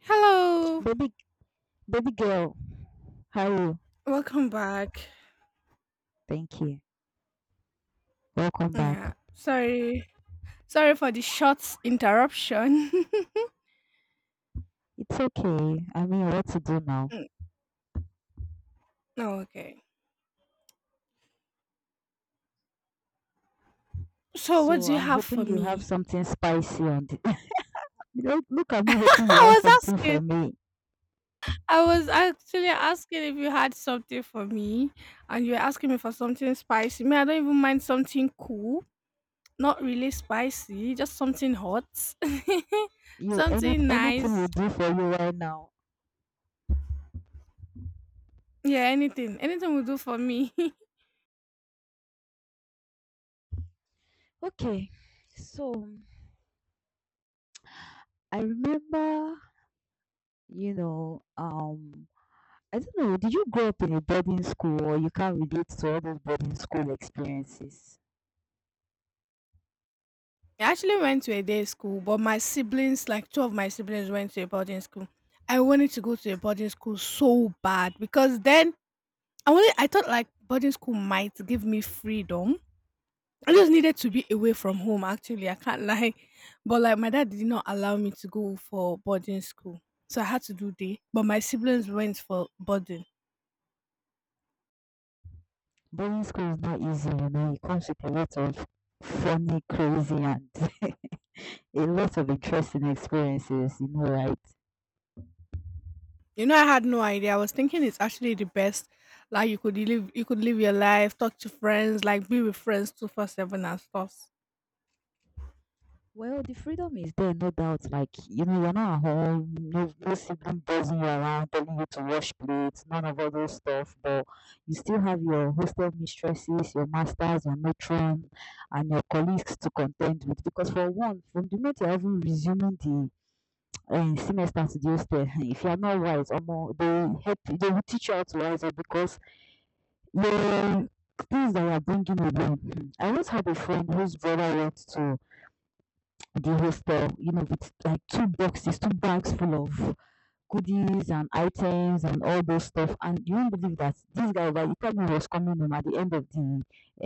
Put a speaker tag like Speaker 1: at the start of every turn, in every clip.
Speaker 1: Hello,
Speaker 2: Baby, baby girl, how are you?
Speaker 1: welcome back.
Speaker 2: Thank you. Welcome back.
Speaker 1: Yeah, sorry, for the short interruption.
Speaker 2: It's okay. I mean, what to do now?
Speaker 1: Mm, oh, okay. So, what
Speaker 2: So
Speaker 1: do you
Speaker 2: I'm
Speaker 1: have
Speaker 2: hoping
Speaker 1: for
Speaker 2: you have
Speaker 1: me?
Speaker 2: something spicy on the. Look at me hoping you have
Speaker 1: I was
Speaker 2: something
Speaker 1: asking.
Speaker 2: for me.
Speaker 1: I was actually asking if you had something for me, and you were asking me for something spicy. Me, I don't even mind something cool, not really spicy, just something hot,
Speaker 2: You any
Speaker 1: something
Speaker 2: anything will
Speaker 1: nice.
Speaker 2: do for you right now.
Speaker 1: Yeah, anything, will do for me.
Speaker 2: Okay. So I remember, you know, um, I don't know. Did you grow up in a boarding school, or you can't relate to all those boarding school experiences?
Speaker 1: I actually went to a day school, but my siblings, like two of my siblings, went to a boarding school. I wanted to go to a boarding school so bad because then I thought like boarding school might give me freedom. I just needed to be away from home, actually. I can't lie. But like my dad did not allow me to go for boarding school. So I had to do day. But my siblings went for boarding.
Speaker 2: Boarding school is not easy, you know. It comes with a lot of funny, crazy, and a lot of interesting experiences, you know, right?
Speaker 1: You know, I had no idea. I was thinking it's actually the best. Like you could live your life, talk to friends, like be with friends 24/7 and stuff.
Speaker 2: Well, the freedom is there, no doubt. Like, you know, you're not at home, no sibling buzzing you around, telling you to wash plates, none of all those stuff, but you still have your hostel mistresses, your masters, your matron, and your colleagues to contend with. Because, for one, from the moment you're even resuming the semester to the hostel, if you are not wise, omo, they help. They will teach you how to wise up, because the things that you are bringing alone, I once had a friend whose brother went to the hostel, you know, with like two boxes, two bags full of goodies and items and all those stuff, and you won't believe that this guy, by the time he told me, was coming home at the end of the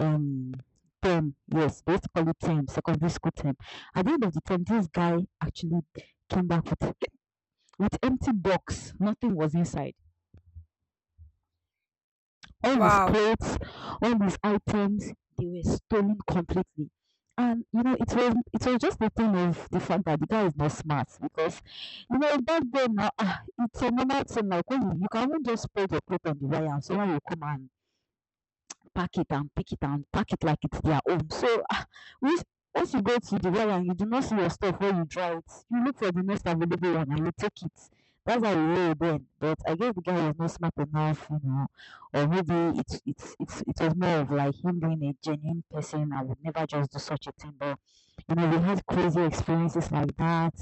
Speaker 2: um term. Yes, basically used to call term, secondary school term. At the end of the term, this guy actually came back with empty box. Nothing was inside. All his
Speaker 1: Wow.
Speaker 2: clothes, all his items, they were stolen completely. And you know, it was just the thing of the fact that the guy is not smart, because you know, back then now, ah, it's a normal thing. Like when you can even just spread your clothes on the wire, and someone will come and pack it and pick it and pack it like it's their own. So, ah, which, once you go to the well and you do not see your stuff where you draw it, you look for the most available one and you take it. That's how you roll then. But I guess the guy was not smart enough, you know, or maybe it was more of like him being a genuine person. I would never just do such a thing. But you know, we had crazy experiences like that.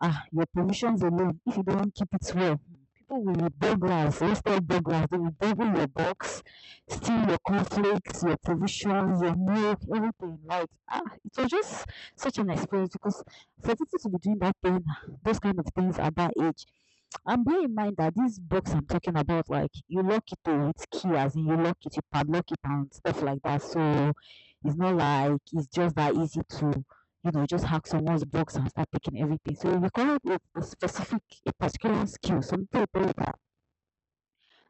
Speaker 2: Ah, your provisions alone, if you don't keep it well, people will be burglars, let's tell burglars, they will burgle your box. Steal your conflicts, your provisions, your milk, everything. Like, ah, it was just such an experience, because for people to be doing that thing, those kind of things at that age. And bear in mind that this box I'm talking about, like you lock it to its key, as in you lock it, you padlock it and stuff like that. So it's not like it's just that easy to. You know, just hack someone's box and start taking everything. So it required a specific, a particular skill, something about that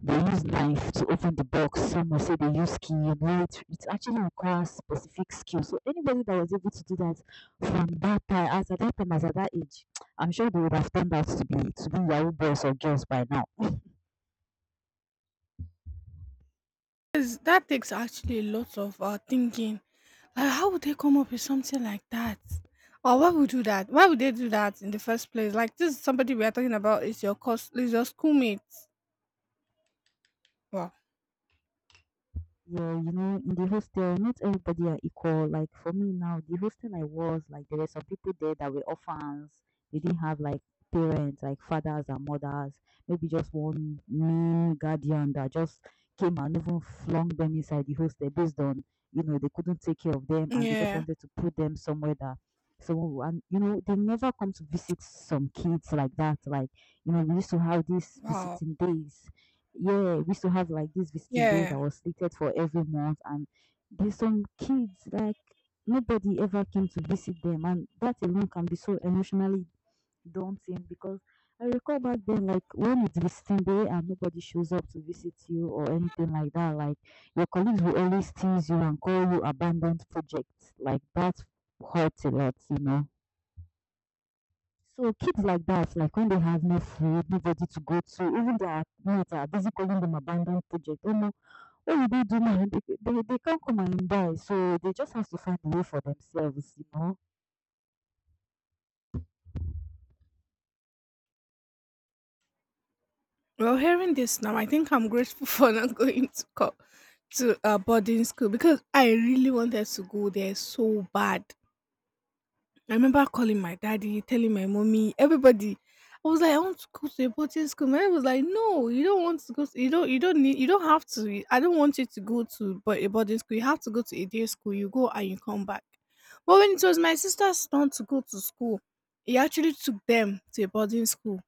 Speaker 2: they use knife to open the box. Some will say they use key. You know, it actually requires specific skill. So anybody that was able to do that, from that time, as at that time, as at that age, I'm sure they would have turned out to be Yahoo boys or girls by now.
Speaker 1: That takes actually a lot of thinking. Like, how would they come up with something like that? Or why would do that? Why would they do that in the first place? Like this is somebody we are talking about is your cos is your schoolmate. Wow.
Speaker 2: Yeah, you know, in the hostel, not everybody are equal. Like for me now, the hostel I was, like there were some people there that were orphans. They didn't have like parents, like fathers and mothers. Maybe just one male guardian that just came and even flung them inside the hostel based on, you know, they couldn't take care of them and they just
Speaker 1: Yeah.
Speaker 2: wanted to put them somewhere that someone will- and you know, they never come to visit some kids like that. Like, you know, we used to have these
Speaker 1: Wow.
Speaker 2: visiting days, yeah, we used to have like these visiting days
Speaker 1: Yeah.
Speaker 2: that was slated for every month, and there's some kids like nobody ever came to visit them, and that alone can be so emotionally daunting, because I recall back then, like when it's visiting day and nobody shows up to visit you or anything like that, like your colleagues will always tease you and call you abandoned projects. Like that hurts a lot, you know. So kids like that, like when they have no food, nobody to go to, even their parents are busy calling them abandoned project. Oh no, what will they do now? They can't come and buy, so they just have to find a way for themselves, you know.
Speaker 1: Well, hearing this now, I think I'm grateful for not going to to boarding school because I really wanted to go there so bad. I remember calling my daddy, telling my mommy, everybody. I was like, I want to go to a boarding school. My dad was like, No, you don't want to go. You don't. You don't need. You don't have to. I don't want you to go to but a boarding school. You have to go to a day school. You go and you come back. But when it was my sister's turn to go to school, he actually took them to a boarding school.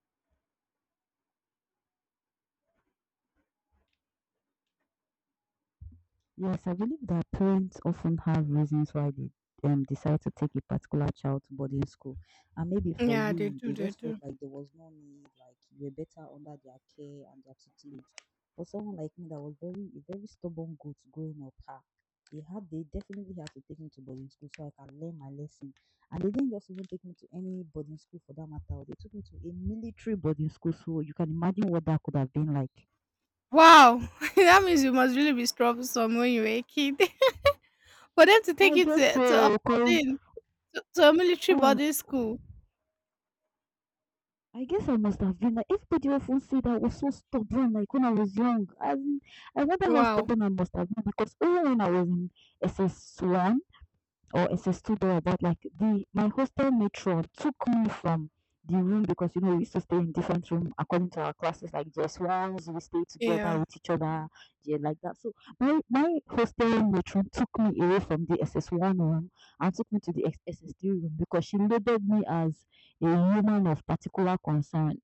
Speaker 2: Yes, I believe that parents often have reasons why they decide to take a particular child to boarding school. And maybe for
Speaker 1: Yeah, they
Speaker 2: you,
Speaker 1: do.
Speaker 2: they
Speaker 1: They
Speaker 2: just felt
Speaker 1: do.
Speaker 2: like there was no need, like you were better under their care and their tutelage. For someone like me that was very stubborn goat growing up, ha, they definitely had to take me to boarding school so I can learn my lesson. And they didn't just even take me to any boarding school for that matter. They took me to a military boarding school, so you can imagine what that could have been like.
Speaker 1: Wow, that means you must really be troublesome when you were a kid. For them to take
Speaker 2: I
Speaker 1: you
Speaker 2: guess
Speaker 1: to a
Speaker 2: so, cause
Speaker 1: boarding to a military
Speaker 2: ah.
Speaker 1: boarding school.
Speaker 2: I guess I must have been, like everybody often said I was so stubborn like when I was young. As in, I wonder how
Speaker 1: Wow.
Speaker 2: stubborn I must have been, because even when I was in SS1, or it's a studio about like the my hostel matron took me from the room, because you know we used to stay in different room according to our classes, like just ones we stay
Speaker 1: Yeah.
Speaker 2: together with each other, yeah, like that. So my hostel matron took me away from the SS1 room and took me to the SS3 room because she labeled me as a woman of particular concern.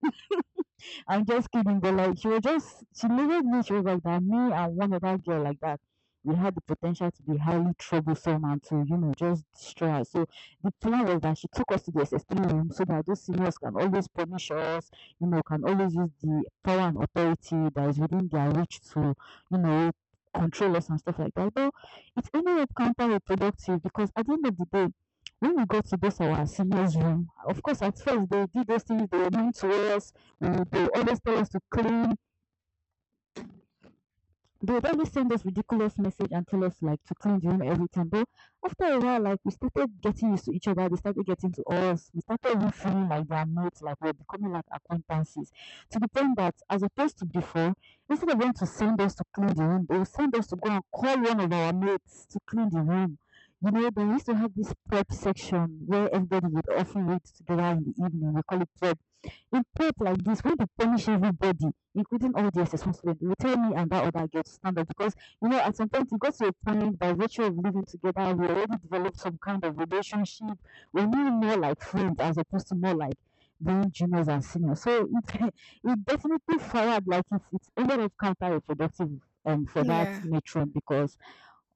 Speaker 2: I'm just kidding, but like she was just she looked at me, she was like that me and one other girl like that. We had the potential to be highly troublesome and to, you know, just destroy us. So the plan was that she took us to the SS3 room so that those seniors can always punish us, you know, can always use the power and authority that is within their reach to, you know, control us and stuff like that. But it ended up counterproductive, because at the end of the day, when we got to both our seniors' room, of course, at first they did those things, they were mean to us, they always tell us to clean. They would always send us ridiculous message and tell us like to clean the room every time. But after a while, like we started getting used to each other. They started getting to us. We started even feeling like they are mates, like we're becoming like acquaintances. To the point that, as opposed to before, instead of them to send us to clean the room, they would send us to go and call one of our mates to clean the room. You know, they used to have this prep section where everybody would often read together in the evening. We call it prep. In fact, like this, we dey punish everybody including all di students dey will tell me and that other girl to stand up, because you know at some point e got to a point, by virtue of living together we already develop some kind of relationship, we now more like friends as opposed to more like being juniors and seniors. So it it definitely fired, like it ended up counterproductive for that
Speaker 1: Yeah,
Speaker 2: matron, because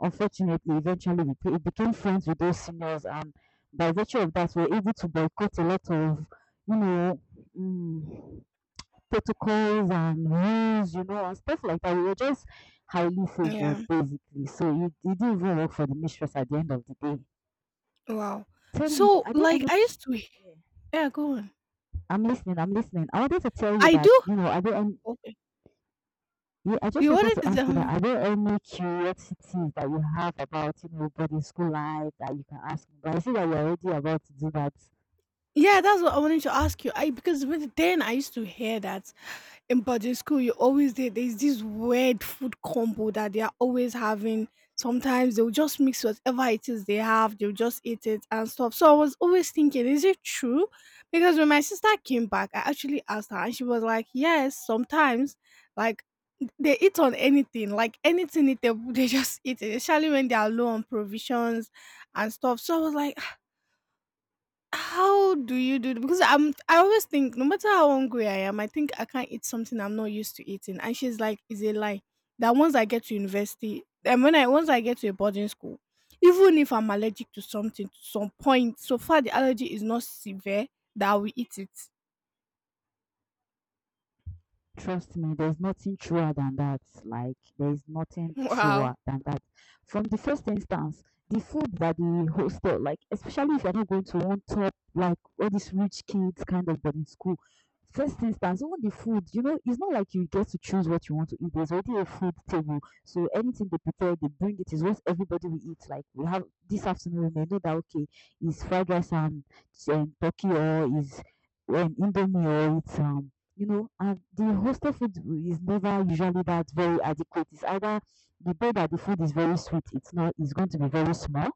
Speaker 2: unfortunately, eventually became friends with those seniors, and by virtue of that, we were able to boycott a lot of, you know, mm, protocols and rules, you know, and stuff like that. We were just highly
Speaker 1: yeah.
Speaker 2: favored, basically. So it didn't even work for the mistress at the end of the day.
Speaker 1: Wow.
Speaker 2: Tell me,
Speaker 1: So,
Speaker 2: are there
Speaker 1: like,
Speaker 2: any?
Speaker 1: I used to
Speaker 2: Yeah.
Speaker 1: Yeah, go on.
Speaker 2: I'm listening. I'm listening. I wanted to tell you
Speaker 1: I
Speaker 2: that,
Speaker 1: do
Speaker 2: you know, are there any...
Speaker 1: okay.
Speaker 2: Yeah, I just
Speaker 1: You
Speaker 2: wanted
Speaker 1: wanted
Speaker 2: to
Speaker 1: to
Speaker 2: ask
Speaker 1: tell
Speaker 2: you that,
Speaker 1: me?
Speaker 2: are there any curiosities that you have about, you know, boarding school life that you can ask me? But I see that you're already about to do that.
Speaker 1: Yeah, that's what I wanted to ask you. I because with then I used to hear that in boarding school you always there, there's this weird food combo that they are always having. Sometimes they'll just mix whatever it is they have, they'll just eat it and stuff. So I was always thinking, is it true? Because when my sister came back, I actually asked her and she was like, Yes, sometimes like they eat on anything, like anything eatable, they just eat it, especially when they are low on provisions and stuff. So I was like, how do you do because I always think no matter how hungry I am, I think I can't eat something I'm not used to eating. And she's like, it's a lie. That once I get to a boarding school, even if I'm allergic to something to some point, so far the allergy is not severe that I will eat it.
Speaker 2: Trust me, there's nothing truer than that. Like, there's nothing truer
Speaker 1: Wow.
Speaker 2: than that. From the first instance, the food that the hostel, like, especially if you're not going to one top, like all these rich kids kind of boarding school, first instance, all the food, you know, it's not like you get to choose what you want to eat. There's already a food table. So anything they prepare, they bring it, is what everybody will eat. Like, we have this afternoon, we may know that, okay, it's fried rice and turkey or is indomie or it's and the hostel food is never usually that very adequate. It's either the day that the food is very sweet, it's not, it's going to be very small,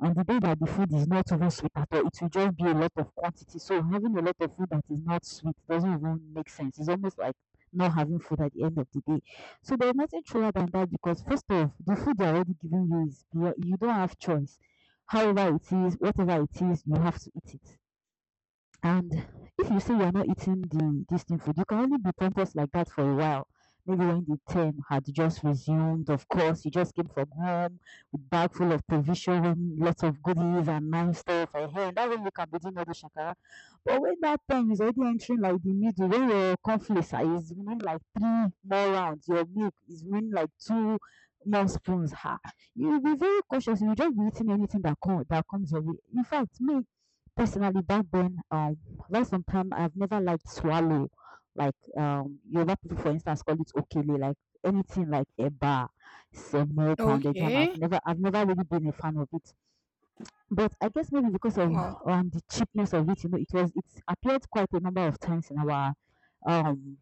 Speaker 2: and the day that the food is not even sweet at all, it will just be a lot of quantity. So having a lot of food that is not sweet doesn't even make sense. It's almost like not having food at the end of the day. So there's nothing truer than that because first off, the food they're already giving you is you don't have choice. However it is, whatever it is, you have to eat it. And if you say you're not eating the this thing food, you can only be pompous like that for a while. Maybe when the term had just resumed, of course, you just came from home with bag full of provision, lots of goodies and nice stuff. And hey, that way you can be doing all the shakara. But when that time is already entering like the middle, when your conflict is remaining like three more rounds, your milk is remaining like two more spoons. Ha! You'll be very cautious. You'll just be eating anything that come, that comes your way. In fact, me personally back then, while sometimes I've never liked swallow, like Yoruba people, for instance, call it okele, like anything like eba, semo, pounded yam. I've
Speaker 1: Okay.
Speaker 2: never, I've never really been a fan of it. But I guess maybe because of
Speaker 1: Wow.
Speaker 2: the cheapness of it, you know, it was it appeared quite a number of times in our um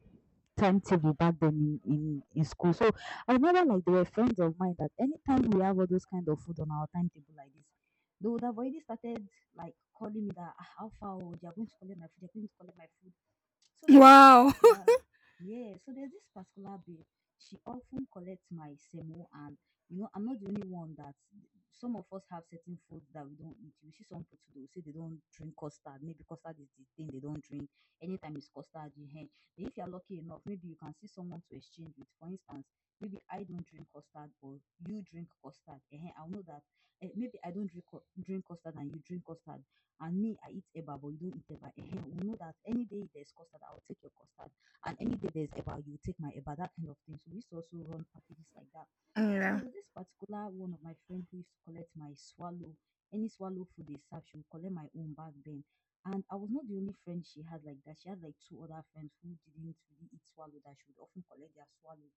Speaker 2: timetable back then in school. So I remember like there were friends of mine that anytime we have all those kind of food on our timetable like this, they would have already started like calling me that "Ah, how far oh, they are going to collect my food, they are going to collect my food. So there was this
Speaker 1: Wow.
Speaker 2: particular, yeah, so there's this particular babe. She often collects my semo, and you know, I'm not the only one that some of us have certain foods that we don't eat. You see, some people too, they will say they don't drink custard. Maybe custard is the thing they don't drink. Anytime it's custard, you hear. Then if you're lucky enough, maybe you can see someone to exchange with. For instance, maybe I don't drink custard, but you drink custard. Ehen, I'll know that eh, maybe I don't drink drink custard and you drink custard. And me, I eat eba, but you don't eat eba. we know that any day there's custard, I'll take your custard. And any day there's eba, you take my eba, that kind of thing. So we used to also run packages like that. So there
Speaker 1: Yeah.
Speaker 2: was this particular one of my friend who used to collect my swallow, any swallow food they serve, she would collect my own back then. And I was not the only friend she had like that. She had like two other friends who didn't really eat swallow that she would often collect their swallow.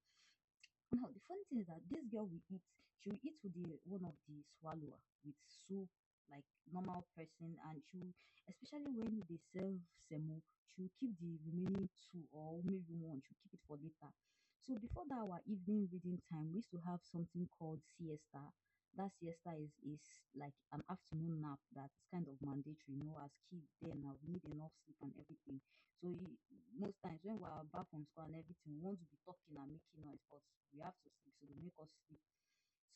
Speaker 2: Now the funny thing is that this girl will eat. She will eat with the one of the swallower with soup, like normal person, and she will, especially when they serve semo, she will keep the remaining two or maybe one. She will keep it for later. So before that our evening reading time, we used to have something called siesta. That siesta is like an afternoon nap that's kind of mandatory. You know, as kids then now we need enough sleep and everything. So most times when we're back from school and everything, we want to be talking and making noise, but we have to sleep, so they make us sleep.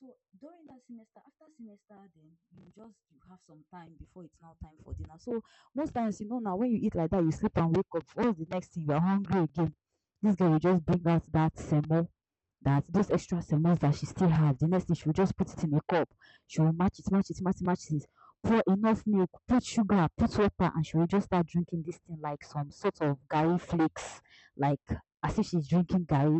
Speaker 2: So during that semester, after semester, then you have some time before it's now time for dinner. So most times, you know, now when you eat like that, you sleep and wake up. What's the next thing? You're hungry again. This girl will just bring out that semo, that those extra semos that she still have. The next thing she will just put it in a cup. She will match it, match it, match it, match it pour enough milk, put sugar, put water, and she will just start drinking this thing like some sort of garri flakes, like as if she's drinking garri.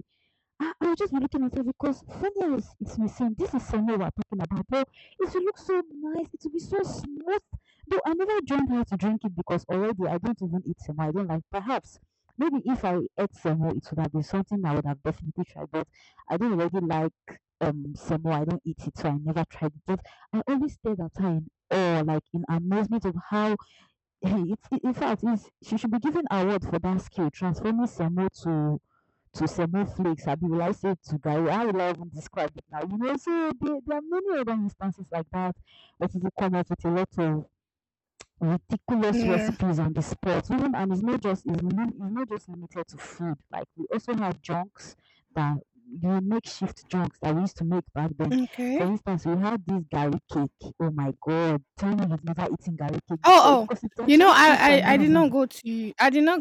Speaker 2: I was just looking at myself because Sonia is missing. This is Sonia we're talking about. Well, it will look so nice. It will be so smooth. Though I never joined her to drink it because already I don't even eat semo. I don't like. Perhaps maybe if I ate semo, it would have been something I would have definitely tried. But I don't really like semo. I don't eat it, so I never tried it. But I always stayed at her in awe, like in amazement of how. Hey, it's in fact, she should be given an award for that skill transforming to semiflakes, I say to Gary, how will I even describe it now? You know, so there are many other instances like that where people come up with a lot of ridiculous
Speaker 1: Yeah.
Speaker 2: recipes on the spot. Even and it's not just it's not just limited to food. Like we also have junks that the makeshift junks that we used to make back then. For
Speaker 1: Okay.
Speaker 2: instance, we had this garlic cake. Oh my god, tell me you've never eaten garlic cake before
Speaker 1: Oh, oh.
Speaker 2: because it
Speaker 1: You know,
Speaker 2: actually tastes
Speaker 1: I did not
Speaker 2: amazing.
Speaker 1: go to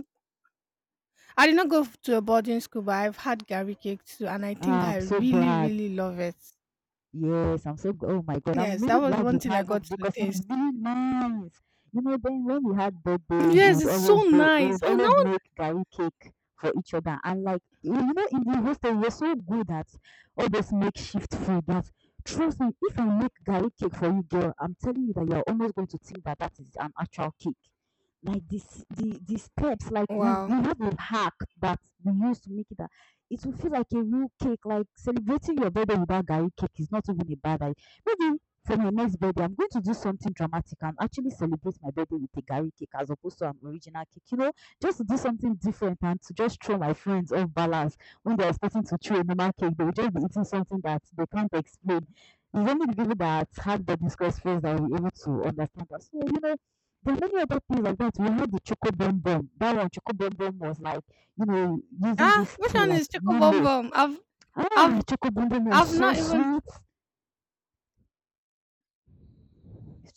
Speaker 1: I did not go to a boarding school, but I've had Gary cake too, and I think
Speaker 2: Ah,
Speaker 1: I
Speaker 2: I'm so
Speaker 1: really,
Speaker 2: glad.
Speaker 1: really love it.
Speaker 2: Yes, oh my God, I'm
Speaker 1: Yes, that
Speaker 2: really
Speaker 1: was
Speaker 2: glad
Speaker 1: one
Speaker 2: you've
Speaker 1: thing I
Speaker 2: had it
Speaker 1: got to
Speaker 2: because it's
Speaker 1: taste.
Speaker 2: really nice. You know, then when we had birthdays,
Speaker 1: Yes, it's so
Speaker 2: we
Speaker 1: nice.
Speaker 2: would
Speaker 1: Oh no!
Speaker 2: always make gari cake for each other. And like you know, in the hostel, we're so good at all this makeshift food that trust me, if I make gari cake for you, girl, I'm telling you that you're almost going to think that that is an actual cake. Like this, the steps, like we
Speaker 1: Wow.
Speaker 2: have a hack that we use to make it it will feel like a real cake. Like celebrating your birthday without garri cake is not even a bad idea. Maybe for my next birthday, I'm going to do something dramatic and actually celebrate my birthday with a garri cake as opposed to an original cake. You know, just to do something different and to just throw my friends off balance when they're expecting to throw a normal cake, they will just be eating something that they can't explain. It's only the people that have the discourse first that will be able to understand that. So you know, there are many other things like that. We had the choco bomb bomb. That one, choco bomb bomb was like you know, using
Speaker 1: Ah,
Speaker 2: this
Speaker 1: which
Speaker 2: tea
Speaker 1: one
Speaker 2: like
Speaker 1: is choco bomb
Speaker 2: Milo.
Speaker 1: bomb?
Speaker 2: Ah,
Speaker 1: I've,
Speaker 2: Choco Bundum was
Speaker 1: I've
Speaker 2: so
Speaker 1: not even.
Speaker 2: sweet.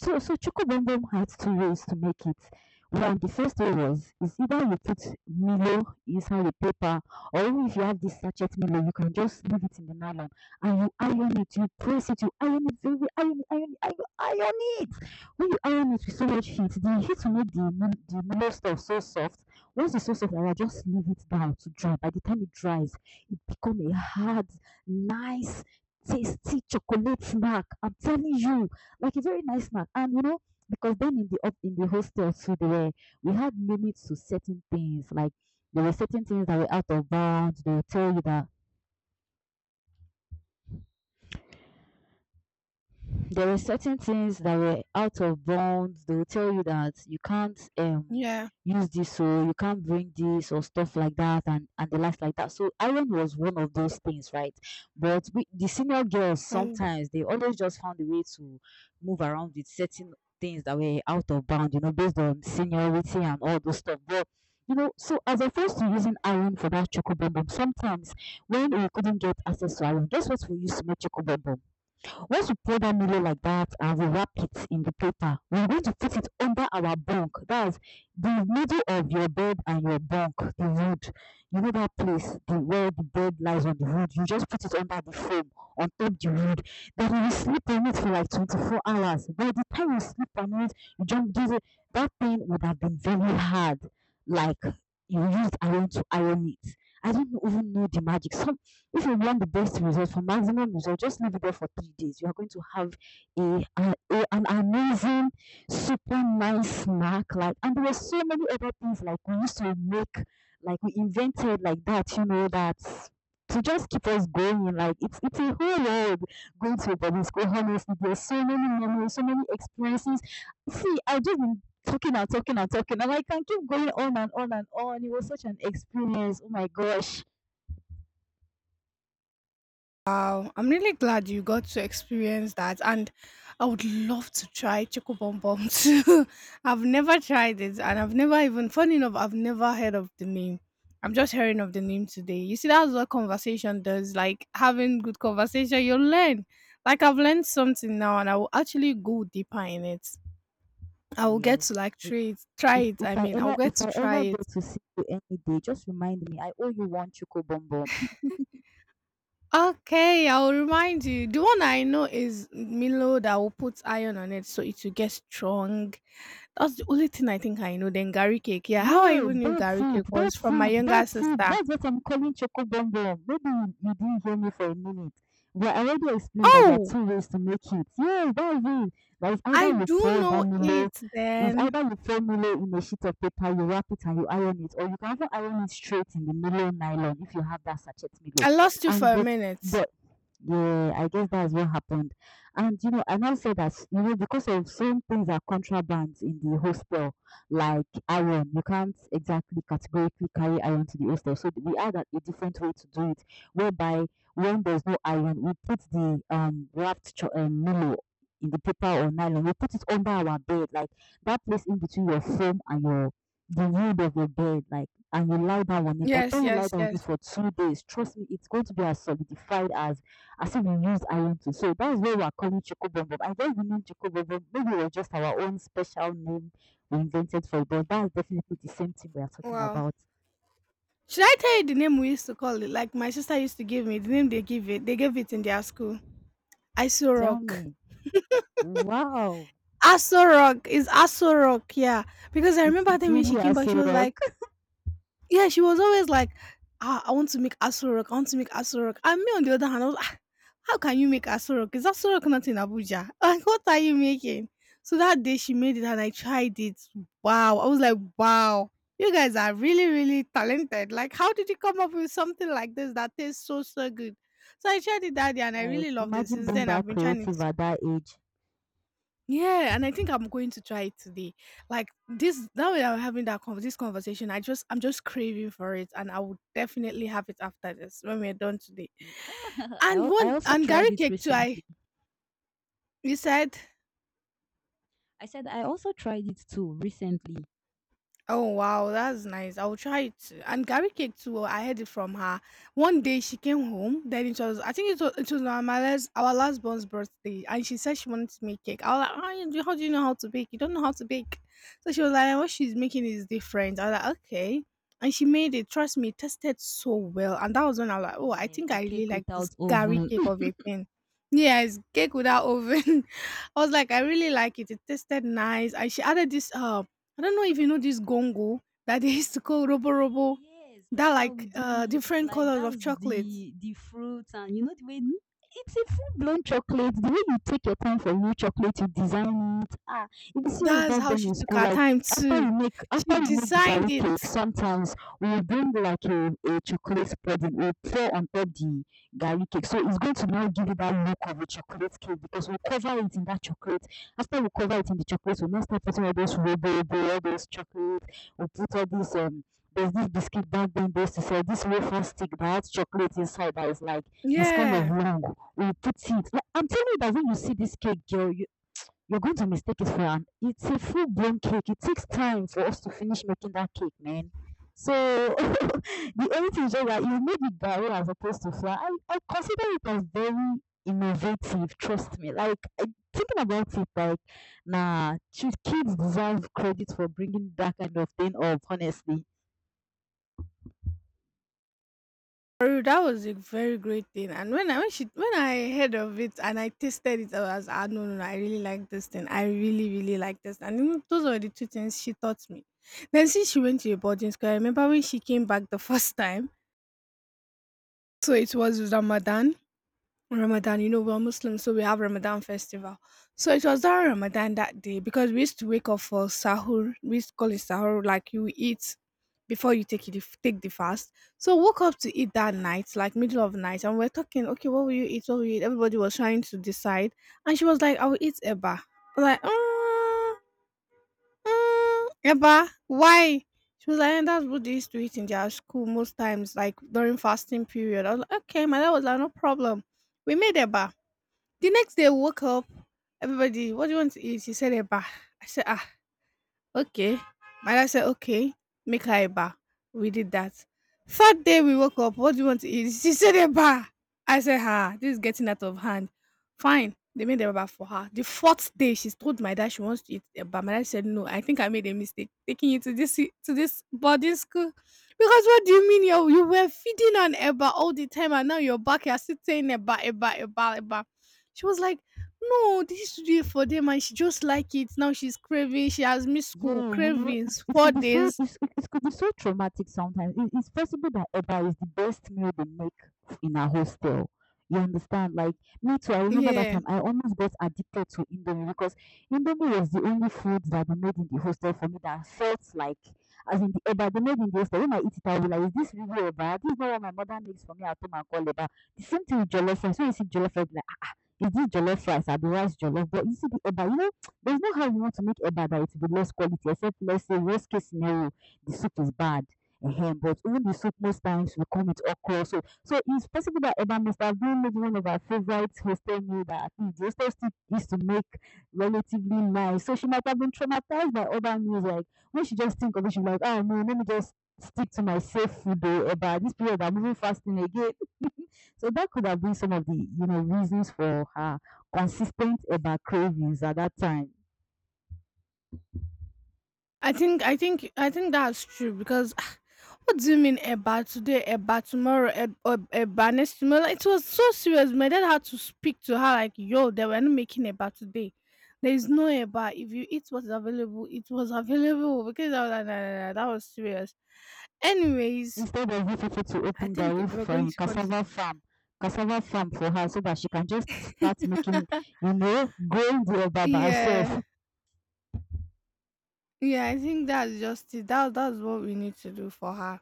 Speaker 2: So Choco Boom had two ways to make it. One, the first way was is either you put Milo inside the paper, or if you have this sachet Milo, you can just leave it in the nylon and you iron it, you press it, you iron it, very iron it, iron it, iron, iron it. When you iron it with so much heat, the heat will make the Milo stuff so soft. Once it's so soft, I will just leave it down to dry. By the time it dries, it becomes a hard, nice, tasty chocolate snack. I'm telling you like a very nice snack. And you know, because then in the hostel too, they were we had limits to certain things. Like there were certain things that were out of bounds. They would tell you that there were certain things that were out of bounds. They will tell you that you can't
Speaker 1: Yeah.
Speaker 2: use this or you can't bring this or stuff like that and the likes like that. So iron was one of those things, right? But we, the senior girls
Speaker 1: Oh.
Speaker 2: sometimes they always just found a way to move around with certain things that were out of bound, you know, based on seniority and all those stuff. But you know, so as opposed to using iron for that choco bomb, sometimes when we couldn't get access to iron, guess what we used to make choco bomb? Once we pour that milo like that, and we wrap it in the paper, we're going to put it under our bunk. That's the middle of your bed and your bunk, the wood. You know that place, the where the bed lies on the wood. You just put it under the foam on top the wood. Then you will sleep on it for like 24 hours. By the time you sleep on it, you just give it that thing would have been very hard. Like you used iron to iron it. I don't even know the magic. Some if you want the best result for maximum result, just leave it there for 3 days. You are going to have a, a, an amazing, super nice snack. Like, and there were so many other things like we used to make, like we invented like that. You know that to just keep us going. Like it's a whole world going to a boarding school. Honestly, there's so many memories, so many experiences. See, I've just been talking and talking and talking, and I can keep going on and on and on. It was such an experience. Oh my gosh.
Speaker 1: Wow, I'm really glad you got to experience that, and I would love to try choco bom bom too. I've never tried it, and I've never even, funny enough, I've never heard of the name. I'm just hearing of the name today. You see, that's what conversation does. Like having good conversation, you'll learn. Like I've learned something now, and I will actually go deeper in it. I will get
Speaker 2: Yes.
Speaker 1: to like
Speaker 2: If
Speaker 1: try it.
Speaker 2: if
Speaker 1: I
Speaker 2: I
Speaker 1: mean, I'll
Speaker 2: ever
Speaker 1: get
Speaker 2: if
Speaker 1: to
Speaker 2: I
Speaker 1: try
Speaker 2: ever
Speaker 1: it.
Speaker 2: get to see you any day, just remind me. I owe you one choco bonbon.
Speaker 1: Okay, I'll remind you. The one I know is Milo that will put iron on it so it will get strong. That's the only thing I think I know. Then Gary cake. Yeah, how I
Speaker 2: Yes,
Speaker 1: even knew
Speaker 2: that's
Speaker 1: Gary
Speaker 2: it.
Speaker 1: cake was
Speaker 2: That's
Speaker 1: from my
Speaker 2: it.
Speaker 1: younger
Speaker 2: That's it.
Speaker 1: sister.
Speaker 2: That's what I'm calling choco bonbon. Maybe you didn't hear me for a minute. But I already explained that there are
Speaker 1: Oh,
Speaker 2: two ways to make it. Yes, that's it. That is either
Speaker 1: I
Speaker 2: you
Speaker 1: do
Speaker 2: pour that
Speaker 1: know
Speaker 2: Milo,
Speaker 1: it
Speaker 2: is
Speaker 1: then.
Speaker 2: either you pour Milo in a sheet of paper, you wrap it and you iron it, or you can even iron it straight in the Milo nylon if you have that sachet Milo.
Speaker 1: I lost you for
Speaker 2: And
Speaker 1: a minute.
Speaker 2: but yeah, I guess that's what happened. And you know, I now say that you know because of some things are contrabands in the hostel, like iron, you can't exactly categorically carry iron to the hostel. So we had a different way to do it, whereby when there's no iron, we put the wrapped Milo in the paper or nylon. We put it under our bed, like that place in between your foam and your the wood of your bed, like and you lie down on it. I tell you lie down on
Speaker 1: Yes.
Speaker 2: it for 2 days. Trust me, it's going to be as solidified as if we use iron to. So that's why we're calling Choco Bomb Bomb. I don't even know Choco Bomb Bomb. Maybe it was just our own special name we invented for it, but that's definitely the same thing we are talking
Speaker 1: Wow.
Speaker 2: about.
Speaker 1: Should I tell you the name we used to call it? Like my sister used to give me the name they give it. they gave it in their school. I saw
Speaker 2: Tell
Speaker 1: rock.
Speaker 2: me. Wow.
Speaker 1: Aso Rock is Aso Rock, yeah. Because I
Speaker 2: It's
Speaker 1: remember I
Speaker 2: it's
Speaker 1: when she
Speaker 2: really a
Speaker 1: came back, she
Speaker 2: so
Speaker 1: was
Speaker 2: rock.
Speaker 1: like, yeah, she was always like, ah, I want to make Aso Rock, And me on the other hand, I was like, "Ah, how can you make Aso Rock? Is Aso Rock not in Abuja? Like, what are you making? So that day she made it and I tried it. Wow. I was like, wow, you guys are really, really talented. Like, how did you come up with something like this that tastes so, so good? So I tried it that day and I
Speaker 2: Like
Speaker 1: really loved it.
Speaker 2: imagine
Speaker 1: Since
Speaker 2: being
Speaker 1: then, I've
Speaker 2: that
Speaker 1: been trying it,
Speaker 2: creative at that age.
Speaker 1: yeah, and I think I'm going to try it today. Like this, now that I'm having this conversation, I'm just craving for it, and I will definitely have it after this when we're done today.
Speaker 2: Yeah,
Speaker 1: And
Speaker 2: I
Speaker 1: one
Speaker 2: also
Speaker 1: and
Speaker 2: tried
Speaker 1: Gary
Speaker 2: it
Speaker 1: cake too. I
Speaker 2: recently.
Speaker 1: you said.
Speaker 2: I said I also tried it too recently.
Speaker 1: Oh wow, that's nice. I'll try it. And Gary cake too. I heard it from her. One day she came home. Then it was I think it was our my last our last born's birthday, and she said she wanted to make cake. I was like, how, you how do you know how to bake? You don't know how to bake. So she was like, what she's making is different. I was like, okay. And she made it. Trust me, it tasted so well. And that was when I was like, oh, I
Speaker 2: Yeah,
Speaker 1: think
Speaker 2: a
Speaker 1: I really
Speaker 2: cake
Speaker 1: like this
Speaker 2: without
Speaker 1: Gary
Speaker 2: oven.
Speaker 1: cake of a thing. Yeah, it's cake without oven. I was like, I really like it. It tasted nice. And she added this I don't know if you know this gongo that they used to call Robo Robo,
Speaker 2: Yes,
Speaker 1: that
Speaker 2: that's how we
Speaker 1: like
Speaker 2: do it.
Speaker 1: different
Speaker 2: Like
Speaker 1: colors of
Speaker 2: that's
Speaker 1: chocolates.
Speaker 2: the fruit and you know the way it's a full blown chocolate. The way you take your time for new chocolate, you design it. Ah, it is serious
Speaker 1: That's
Speaker 2: back
Speaker 1: how
Speaker 2: then
Speaker 1: she
Speaker 2: in
Speaker 1: took
Speaker 2: school.
Speaker 1: her
Speaker 2: Like
Speaker 1: time
Speaker 2: after
Speaker 1: too.
Speaker 2: you make
Speaker 1: She
Speaker 2: after you make the
Speaker 1: designed
Speaker 2: garlic
Speaker 1: it.
Speaker 2: cake, sometimes we will bring like a chocolate spreading. We'll pour on top the garlic cake. So it's going to now give you that look of a chocolate cake because we cover it in that chocolate. After we cover it in the chocolate, we'll now start putting all those robo, robo, all those chocolate. We'll put all these there's this biscuit back then they used to sell this wafer stick that has chocolate inside that is like it's kind of
Speaker 1: Yeah.
Speaker 2: long will put it. Like, I'm telling you that when you see this cake, girl, you're going to mistake it for an. It's a full blown cake. It takes time for us to finish making that cake, man. So the only thing is just that you made it that way as opposed to flour. I consider it as very innovative. Trust me. Like I- thinking about it, like nah, should kids deserve credit for bringing that kind of thing up? Honestly,
Speaker 1: For real, that was a very great thing. And when I heard of it and I tasted it, I was ah, no no no, I really like this thing. I really, really like this. And you know, those are the two things she taught me. Then since she went to a boarding school, I remember when she came back the first time. So it was Ramadan, you know, we're Muslims, so we have Ramadan festival. So it was during Ramadan that day because we used to wake up for sahur. We used to call it sahur, like you eat before you take the fast. So woke up to eat that night, like middle of night, and we're talking, okay, what will you eat? What will you eat? Everybody was trying to decide, and she was like, I will eat eba. I'm like, mm, mm, eba, why? She was like, "Eh, that's what they used to eat in their school most times, like during fasting period. I was like, okay, my dad was like, no problem. We made eba. The next day, I woke up. Everybody, what do you want to eat? She said a bar. I said, ah, okay. My dad said, okay, make her a bar. We did that. Third day, we woke up. What do you want to eat? She said a bar. I said, ah, this is getting out of hand. Fine. They made a bar for her. The fourth day, she told my dad she wants to eat a bar. My dad said, no, I think I made a mistake taking you to this boarding school. Because what do you mean you were feeding on Eba all the time and now you're back, you're still saying Eba, Eba, Eba, Eba. She was like, no, they used to do it for them and she just like it. Now she's craving. She has missed
Speaker 2: yeah,
Speaker 1: school.
Speaker 2: you know, it,
Speaker 1: Cravings.
Speaker 2: it
Speaker 1: Four
Speaker 2: could be so
Speaker 1: days.
Speaker 2: it could be so traumatic sometimes. It's possible that Eba is the best meal they make in our hostel. You understand? Like me too. I remember that
Speaker 1: Yeah.
Speaker 2: time I almost got addicted to Indomie because Indomie was the only food that they made in the hostel for me that felt like, as in the Eba they made in the hostel. When I eat it, I will be like, is this really Eba? This is not what my mother makes for me at home and call Eba. The same thing with jollof rice. When you see jollof rice, is it jollof rice? I'll be rice jollof. But you see the eba, you know, there's no how you want to make eba that it will be less quality, except let's say worst case scenario, the soup is bad. Ehen, but even the soup most times will come with okra. So so it's possible that eba must have been maybe one of our favorite hostel meal that at least the hostel still used to make relatively nice. So she might have been traumatized by other meals. Like when she just think of it, she's like, oh no, let me just stick to my safe food though. Eba, this period I'm moving fasting again. So that could have been some of the, you know, reasons for her consistent about cravings at that time.
Speaker 1: I think I think that's true because what do you mean about today, about tomorrow, about next tomorrow? Like, it was so serious. My dad had to speak to her like, yo, they were not making about today. There is no about if you eat what's available, it was available because I was like, nah, nah, nah, that was serious. Anyways,
Speaker 2: Instead of you people to
Speaker 1: I
Speaker 2: open
Speaker 1: think
Speaker 2: Garuf
Speaker 1: if we're
Speaker 2: for
Speaker 1: going
Speaker 2: a
Speaker 1: to continue,
Speaker 2: cassava farm for her so that she can just start making, you know, growing the Obaba
Speaker 1: yeah.
Speaker 2: herself.
Speaker 1: Yeah, I think that's just it. That's what we need to do for her.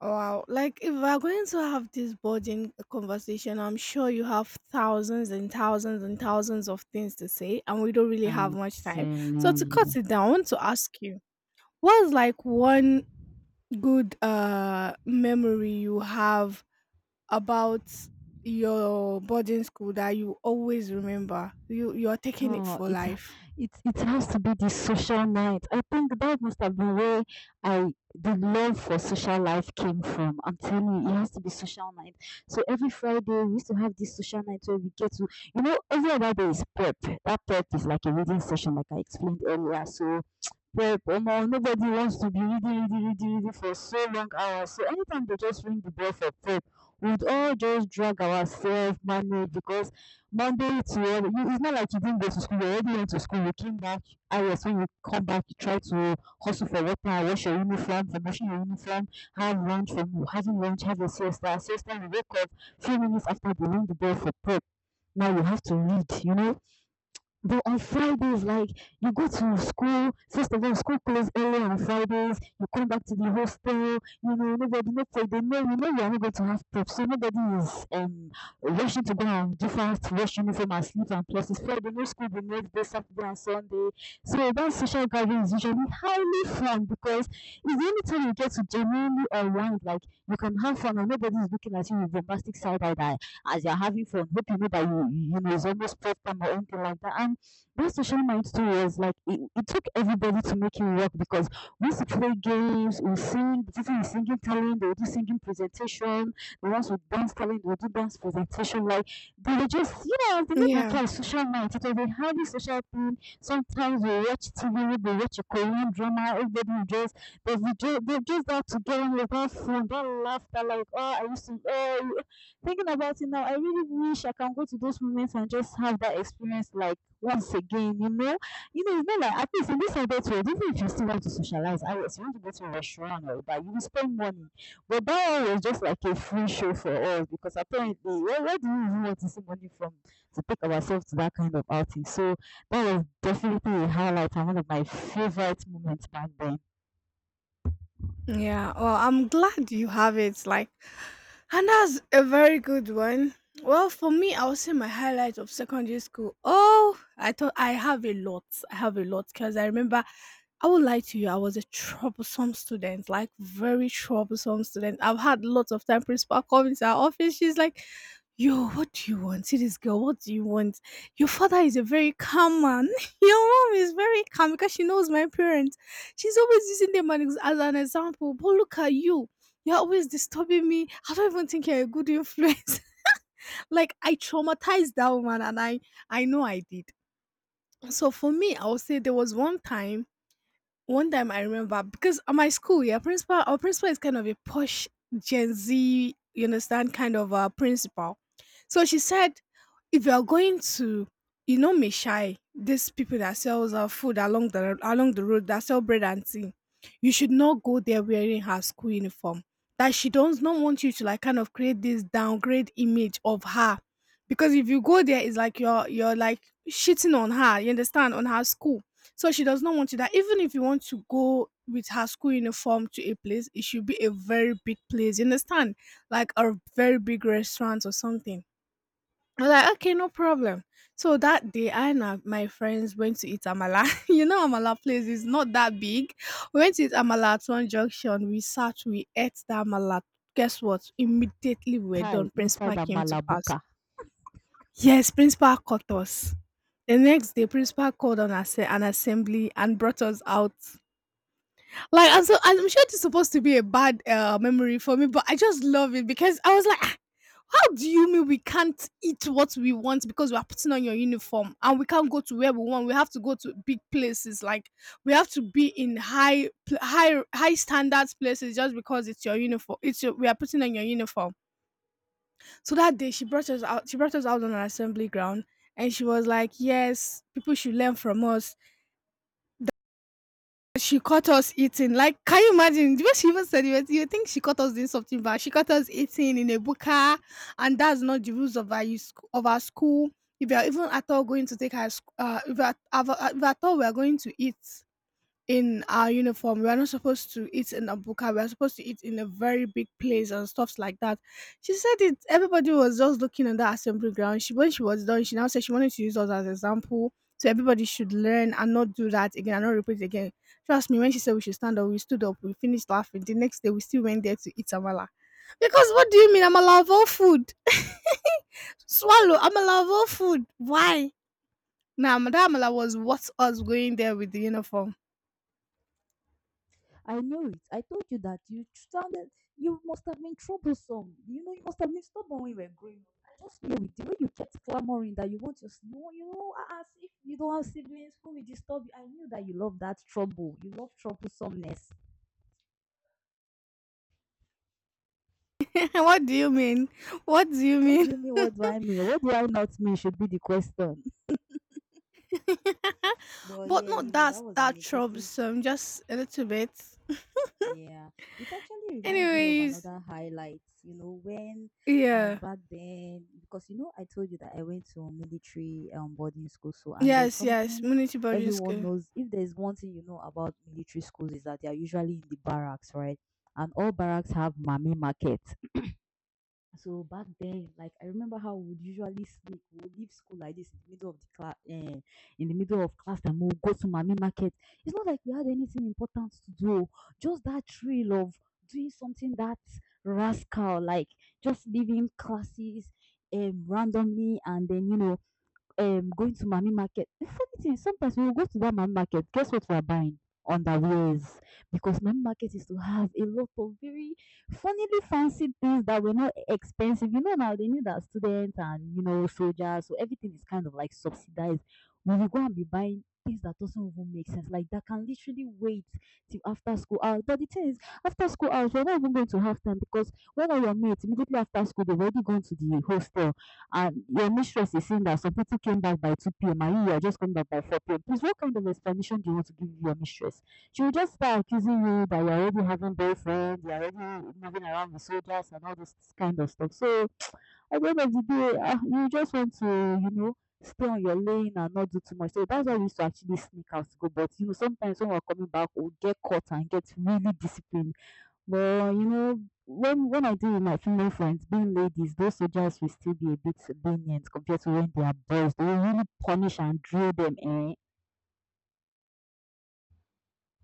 Speaker 1: Wow. Like if we're going to have this burden conversation, I'm sure you have thousands and thousands and thousands of things to say and we don't really have
Speaker 2: I'm
Speaker 1: much time. So
Speaker 2: telling
Speaker 1: to cut
Speaker 2: you.
Speaker 1: it down, I want to ask you, what's like one good memory you have about your boarding school that you always remember? You're taking it
Speaker 2: Oh,
Speaker 1: for
Speaker 2: it's
Speaker 1: life.
Speaker 2: it it has to be the social night. I think that must have been where I the love for social life came from. I'm telling you, it has to be social night. So every Friday we used to have this social night where we get to, you know, every other day is prep. That prep is like a reading session like I explained earlier. So but omo, nobody wants to be reading, reading, reading, reading for so long hours. So anytime they just ring the bell for prep, we'd all just drag ourselves manually because Monday to Wed- you, it's not like you didn't go to school. You already went to school. You came back hours when you come back. You try to hustle for water, wash your uniform, for washing your uniform, have lunch, from having lunch, have a siesta. Siesta, you wake up few minutes after they ring the bell for prep. Now you have to read. You know, but on Fridays, like you go to school, first of all, school closes early on Fridays, you come back to the hostel, you know, nobody no for they know you know you're not going to have prep. So nobody is rushing to go and do fast, rush uniform and sleep and plus it's Friday, no school the next day, Saturday and Sunday. So that social gathering is usually highly fun because it's the only time you get to genuinely unwind, like you can have fun and nobody is looking at you with bombastic side eye that as you're having fun, hope you know that you know it's almost prep time or anything like that. And that social night too was like it took everybody to make it work because we used to play games, we sing, the people is singing talent, they will do singing presentation, the ones with dance talent, they will do dance presentation. Like they were just you know, the name
Speaker 1: Yeah.
Speaker 2: implies social night. It was a highly social thing. Sometimes we watch TV, we watch a Korean drama, everybody will just they're just out together with that fun, that laughter, like oh I used to oh thinking about it now, I really wish I can go to those moments and just have that experience like once again, you know, it's not like at least in this adult world, even if you still want to socialize, I was you want to go to a restaurant or but you will spend money. But that one was just like a free show for us because apparently, where do we even want to see money from to take ourselves to that kind of outing? So that was definitely a highlight and one of my favorite moments back then.
Speaker 1: Yeah, well, I'm glad you have it. Like, and that's a very good one. Well, for me, I would say my highlight of secondary school. Oh, I thought I have a lot. I have a lot because I remember I would lie to you. I was a troublesome student, like very troublesome student. I've had lots of time. Principal come into our office. She's like, "Yo, what do you want? See this girl. What do you want? Your father is a very calm man. Your mom is very calm because she knows my parents." She's always using them as an example. But look at you. You're always disturbing me. I don't even think you're a good influence. Like I traumatized that woman and I know I did. So for me, I would say there was one time I remember because at my school, yeah, principal, our principal is kind of a posh Gen Z, you understand, kind of a principal. So she said, if you are going to, you know, Meshai, these people that sells food along the road that sell bread and tea, you should not go there wearing her school uniform. That she does not want you to like kind of create this downgrade image of her, because if you go there, it's like you're like shitting on her. You understand on her school, so she does not want to that. Even if you want to go with her school uniform to a place, it should be a very big place. You understand? Like a very big restaurant or something. I was like, okay, no problem. So that day, my friends went to eat amala. You know, amala place is not that big. We went to eat amala at one junction. We sat, we ate that amala. Guess what? Immediately we were
Speaker 2: Kai
Speaker 1: done.
Speaker 2: inside
Speaker 1: Principal
Speaker 2: a
Speaker 1: came to pass.
Speaker 2: malabuka.
Speaker 1: Yes, principal caught us. The next day, principal called on us an assembly and brought us out. Like, I'm sure it's supposed to be a bad, memory for me, but I just love it because I was like, "Ah, how do you mean we can't eat what we want because we are putting on your uniform and we can't go to where we want? We have to go to big places, like, we have to be in high standards places just because it's your uniform. It's your We are putting on your uniform." So that day she brought us out on an assembly ground and she was like, "Yes, people should learn from us. She caught us eating. Like, can you imagine? The She even said it, you think she caught us doing something bad. She caught us eating in a buka, and that's not the rules of of our school. If you are even at all going to take her, if if you are at all we are going to eat in our uniform. We're not supposed to eat in a buka. We're supposed to eat in a very big place and stuffs like that. She said it. Everybody was just looking at that assembly ground. She When she was done, she now said she wanted to use us as example. So everybody should learn and not do that again and not repeat it again. Trust me, when she said we should stand up, we stood up. We finished laughing. The next day, we still went there to eat amala. Because what do you mean? I'm of all food. Swallow. I'm of all food. Why? Now, nah, Madame Amala was what us going there with the uniform.
Speaker 2: I knew it. I told you that you sounded, you must have been troublesome. You know, you must have been stubborn when you were growing up. I just knew it. The way you kept clamoring that you want to, you know, ah, as if you don't have siblings who will disturb you. I knew that you love that trouble. You love troublesomeness.
Speaker 1: What do you mean? What do you
Speaker 2: What do
Speaker 1: mean?
Speaker 2: you mean? What do I mean? What do I not mean? Should be the question. But
Speaker 1: But
Speaker 2: yeah, you
Speaker 1: not
Speaker 2: know, that was an
Speaker 1: that
Speaker 2: interesting.
Speaker 1: troublesome, just a little bit.
Speaker 2: Yeah, it actually reminds me of
Speaker 1: Anyways,
Speaker 2: another highlight, you know, when
Speaker 1: yeah.
Speaker 2: back then because you know I told you that I went to military boarding school so and there's
Speaker 1: Yes, yes,
Speaker 2: something
Speaker 1: Munity boarding
Speaker 2: everyone
Speaker 1: school.
Speaker 2: knows if there's one thing you know about military schools is that they are usually in the barracks, right? And all barracks have mommy market. So back then, like I remember how we would usually sleep. We would leave school like this in the middle of the class, in the middle of class, and we would go to mommy market. It's not like we had anything important to do. Just that thrill of doing something that rascal, like just leaving classes randomly, and then you know going to mommy market. The funny thing, is sometimes we will go to that mommy market. Guess what we are buying? Underwears. Because mommy market is to have a lot of very funnily fancy things that were not expensive. You know now they need that students and you know soldiers, so everything is kind of like subsidized. We will go and be buying things that doesn't even make sense. Like that can literally wait till after school hours. But the thing is, after school hours, we're not even going to have time because when are your mates immediately after school, they've already gone to the hostel and your mistress is saying that some people came back by 2 p.m. and you are just coming back by 4 p.m. Please, what kind of explanation do you want to give your mistress? She will just start accusing you that you're already having boyfriend, you're already moving around with soldiers and all this kind of stuff. So at the end of the day, ah, you just want to, you know, stay on your lane and not do too much. So that's why we used to actually sneak out to go. But you know, sometimes when we're coming back, we'll get caught and get really disciplined but you know, when I deal with my female friends, being ladies, those soldiers will still be a bit lenient compared to when they are boys. They will really punish and drill them, eh?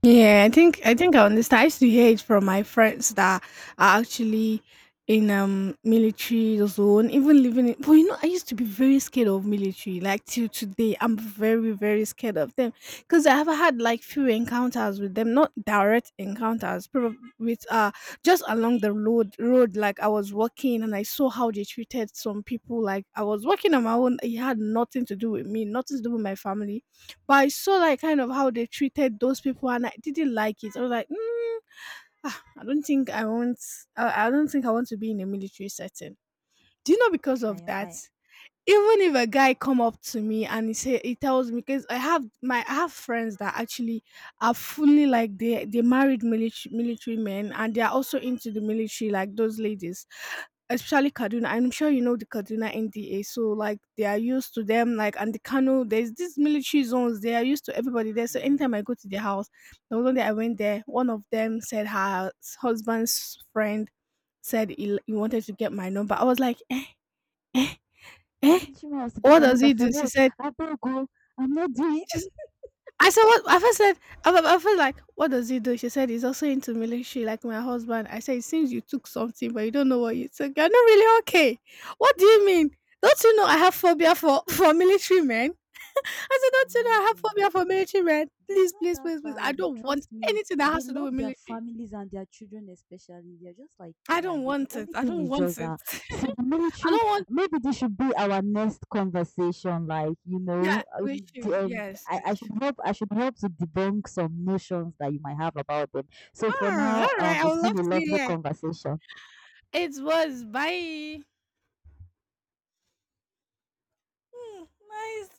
Speaker 1: Yeah, I think I understand. I used to hear it from my friends that are actually in military zone, even living in but you know, I used to be very scared of military. Like till today, I'm very, very scared of them. Because I have had like few encounters with them, not direct encounters, probably with just along the road, like I was walking and I saw how they treated some people. Like I was walking on my own, it had nothing to do with me, nothing to do with my family, but I saw like kind of how they treated those people, and I didn't like it. I was like, mm, ah, I don't think I want. I don't think I want to be in a military setting. Do you know because of
Speaker 2: I,
Speaker 1: that?
Speaker 2: I,
Speaker 1: Even if a guy come up to me and he say he tells me because I have friends that actually are fully like they married military men and they are also into the military like those ladies, especially Kaduna. I'm sure you know the Kaduna NDA. So like they are used to them, like, and the Kano, there's these military zones, they are used to everybody there. So
Speaker 2: Yeah.
Speaker 1: anytime I go to their house, the one day I went there, one of them said her husband's friend said he wanted to get my number. I was like, eh, eh,
Speaker 2: The
Speaker 1: "Eh?
Speaker 2: military man has to give
Speaker 1: What
Speaker 2: my
Speaker 1: does
Speaker 2: number
Speaker 1: he
Speaker 2: for
Speaker 1: do?" She
Speaker 2: what?
Speaker 1: said,
Speaker 2: I better go. I'm not doing.
Speaker 1: she's I said, "What?" I first said, I feel like, "What does he do?" She said, "He's also into military like my husband." I said, "It seems you took something, but you don't know what you took. You're not really okay. What do you mean? Don't you know I have phobia for for military men?" I said, "Don't you know I have
Speaker 2: Imagine.
Speaker 1: phobia for military men?
Speaker 2: They are
Speaker 1: Please,
Speaker 2: not
Speaker 1: please,
Speaker 2: that
Speaker 1: please, please. I
Speaker 2: bad.
Speaker 1: don't want
Speaker 2: Trust me.
Speaker 1: anything that
Speaker 2: They
Speaker 1: has to do
Speaker 2: love
Speaker 1: with
Speaker 2: their
Speaker 1: military.
Speaker 2: families and their children, especially. They're just like
Speaker 1: I
Speaker 2: me
Speaker 1: don't
Speaker 2: and you. The
Speaker 1: want it.
Speaker 2: only
Speaker 1: I
Speaker 2: thing
Speaker 1: don't
Speaker 2: is just
Speaker 1: want it.
Speaker 2: that, see, the
Speaker 1: I
Speaker 2: military,
Speaker 1: don't want
Speaker 2: maybe this should be our next conversation. Like, you know,
Speaker 1: Yeah, we should. Yes, yes.
Speaker 2: I should help to debunk some notions that you might have about them. So for
Speaker 1: Ah,
Speaker 2: now,
Speaker 1: all right. I
Speaker 2: it's
Speaker 1: would love
Speaker 2: been a
Speaker 1: to
Speaker 2: lovely
Speaker 1: hear.
Speaker 2: conversation.
Speaker 1: It was. Bye. Hum, mas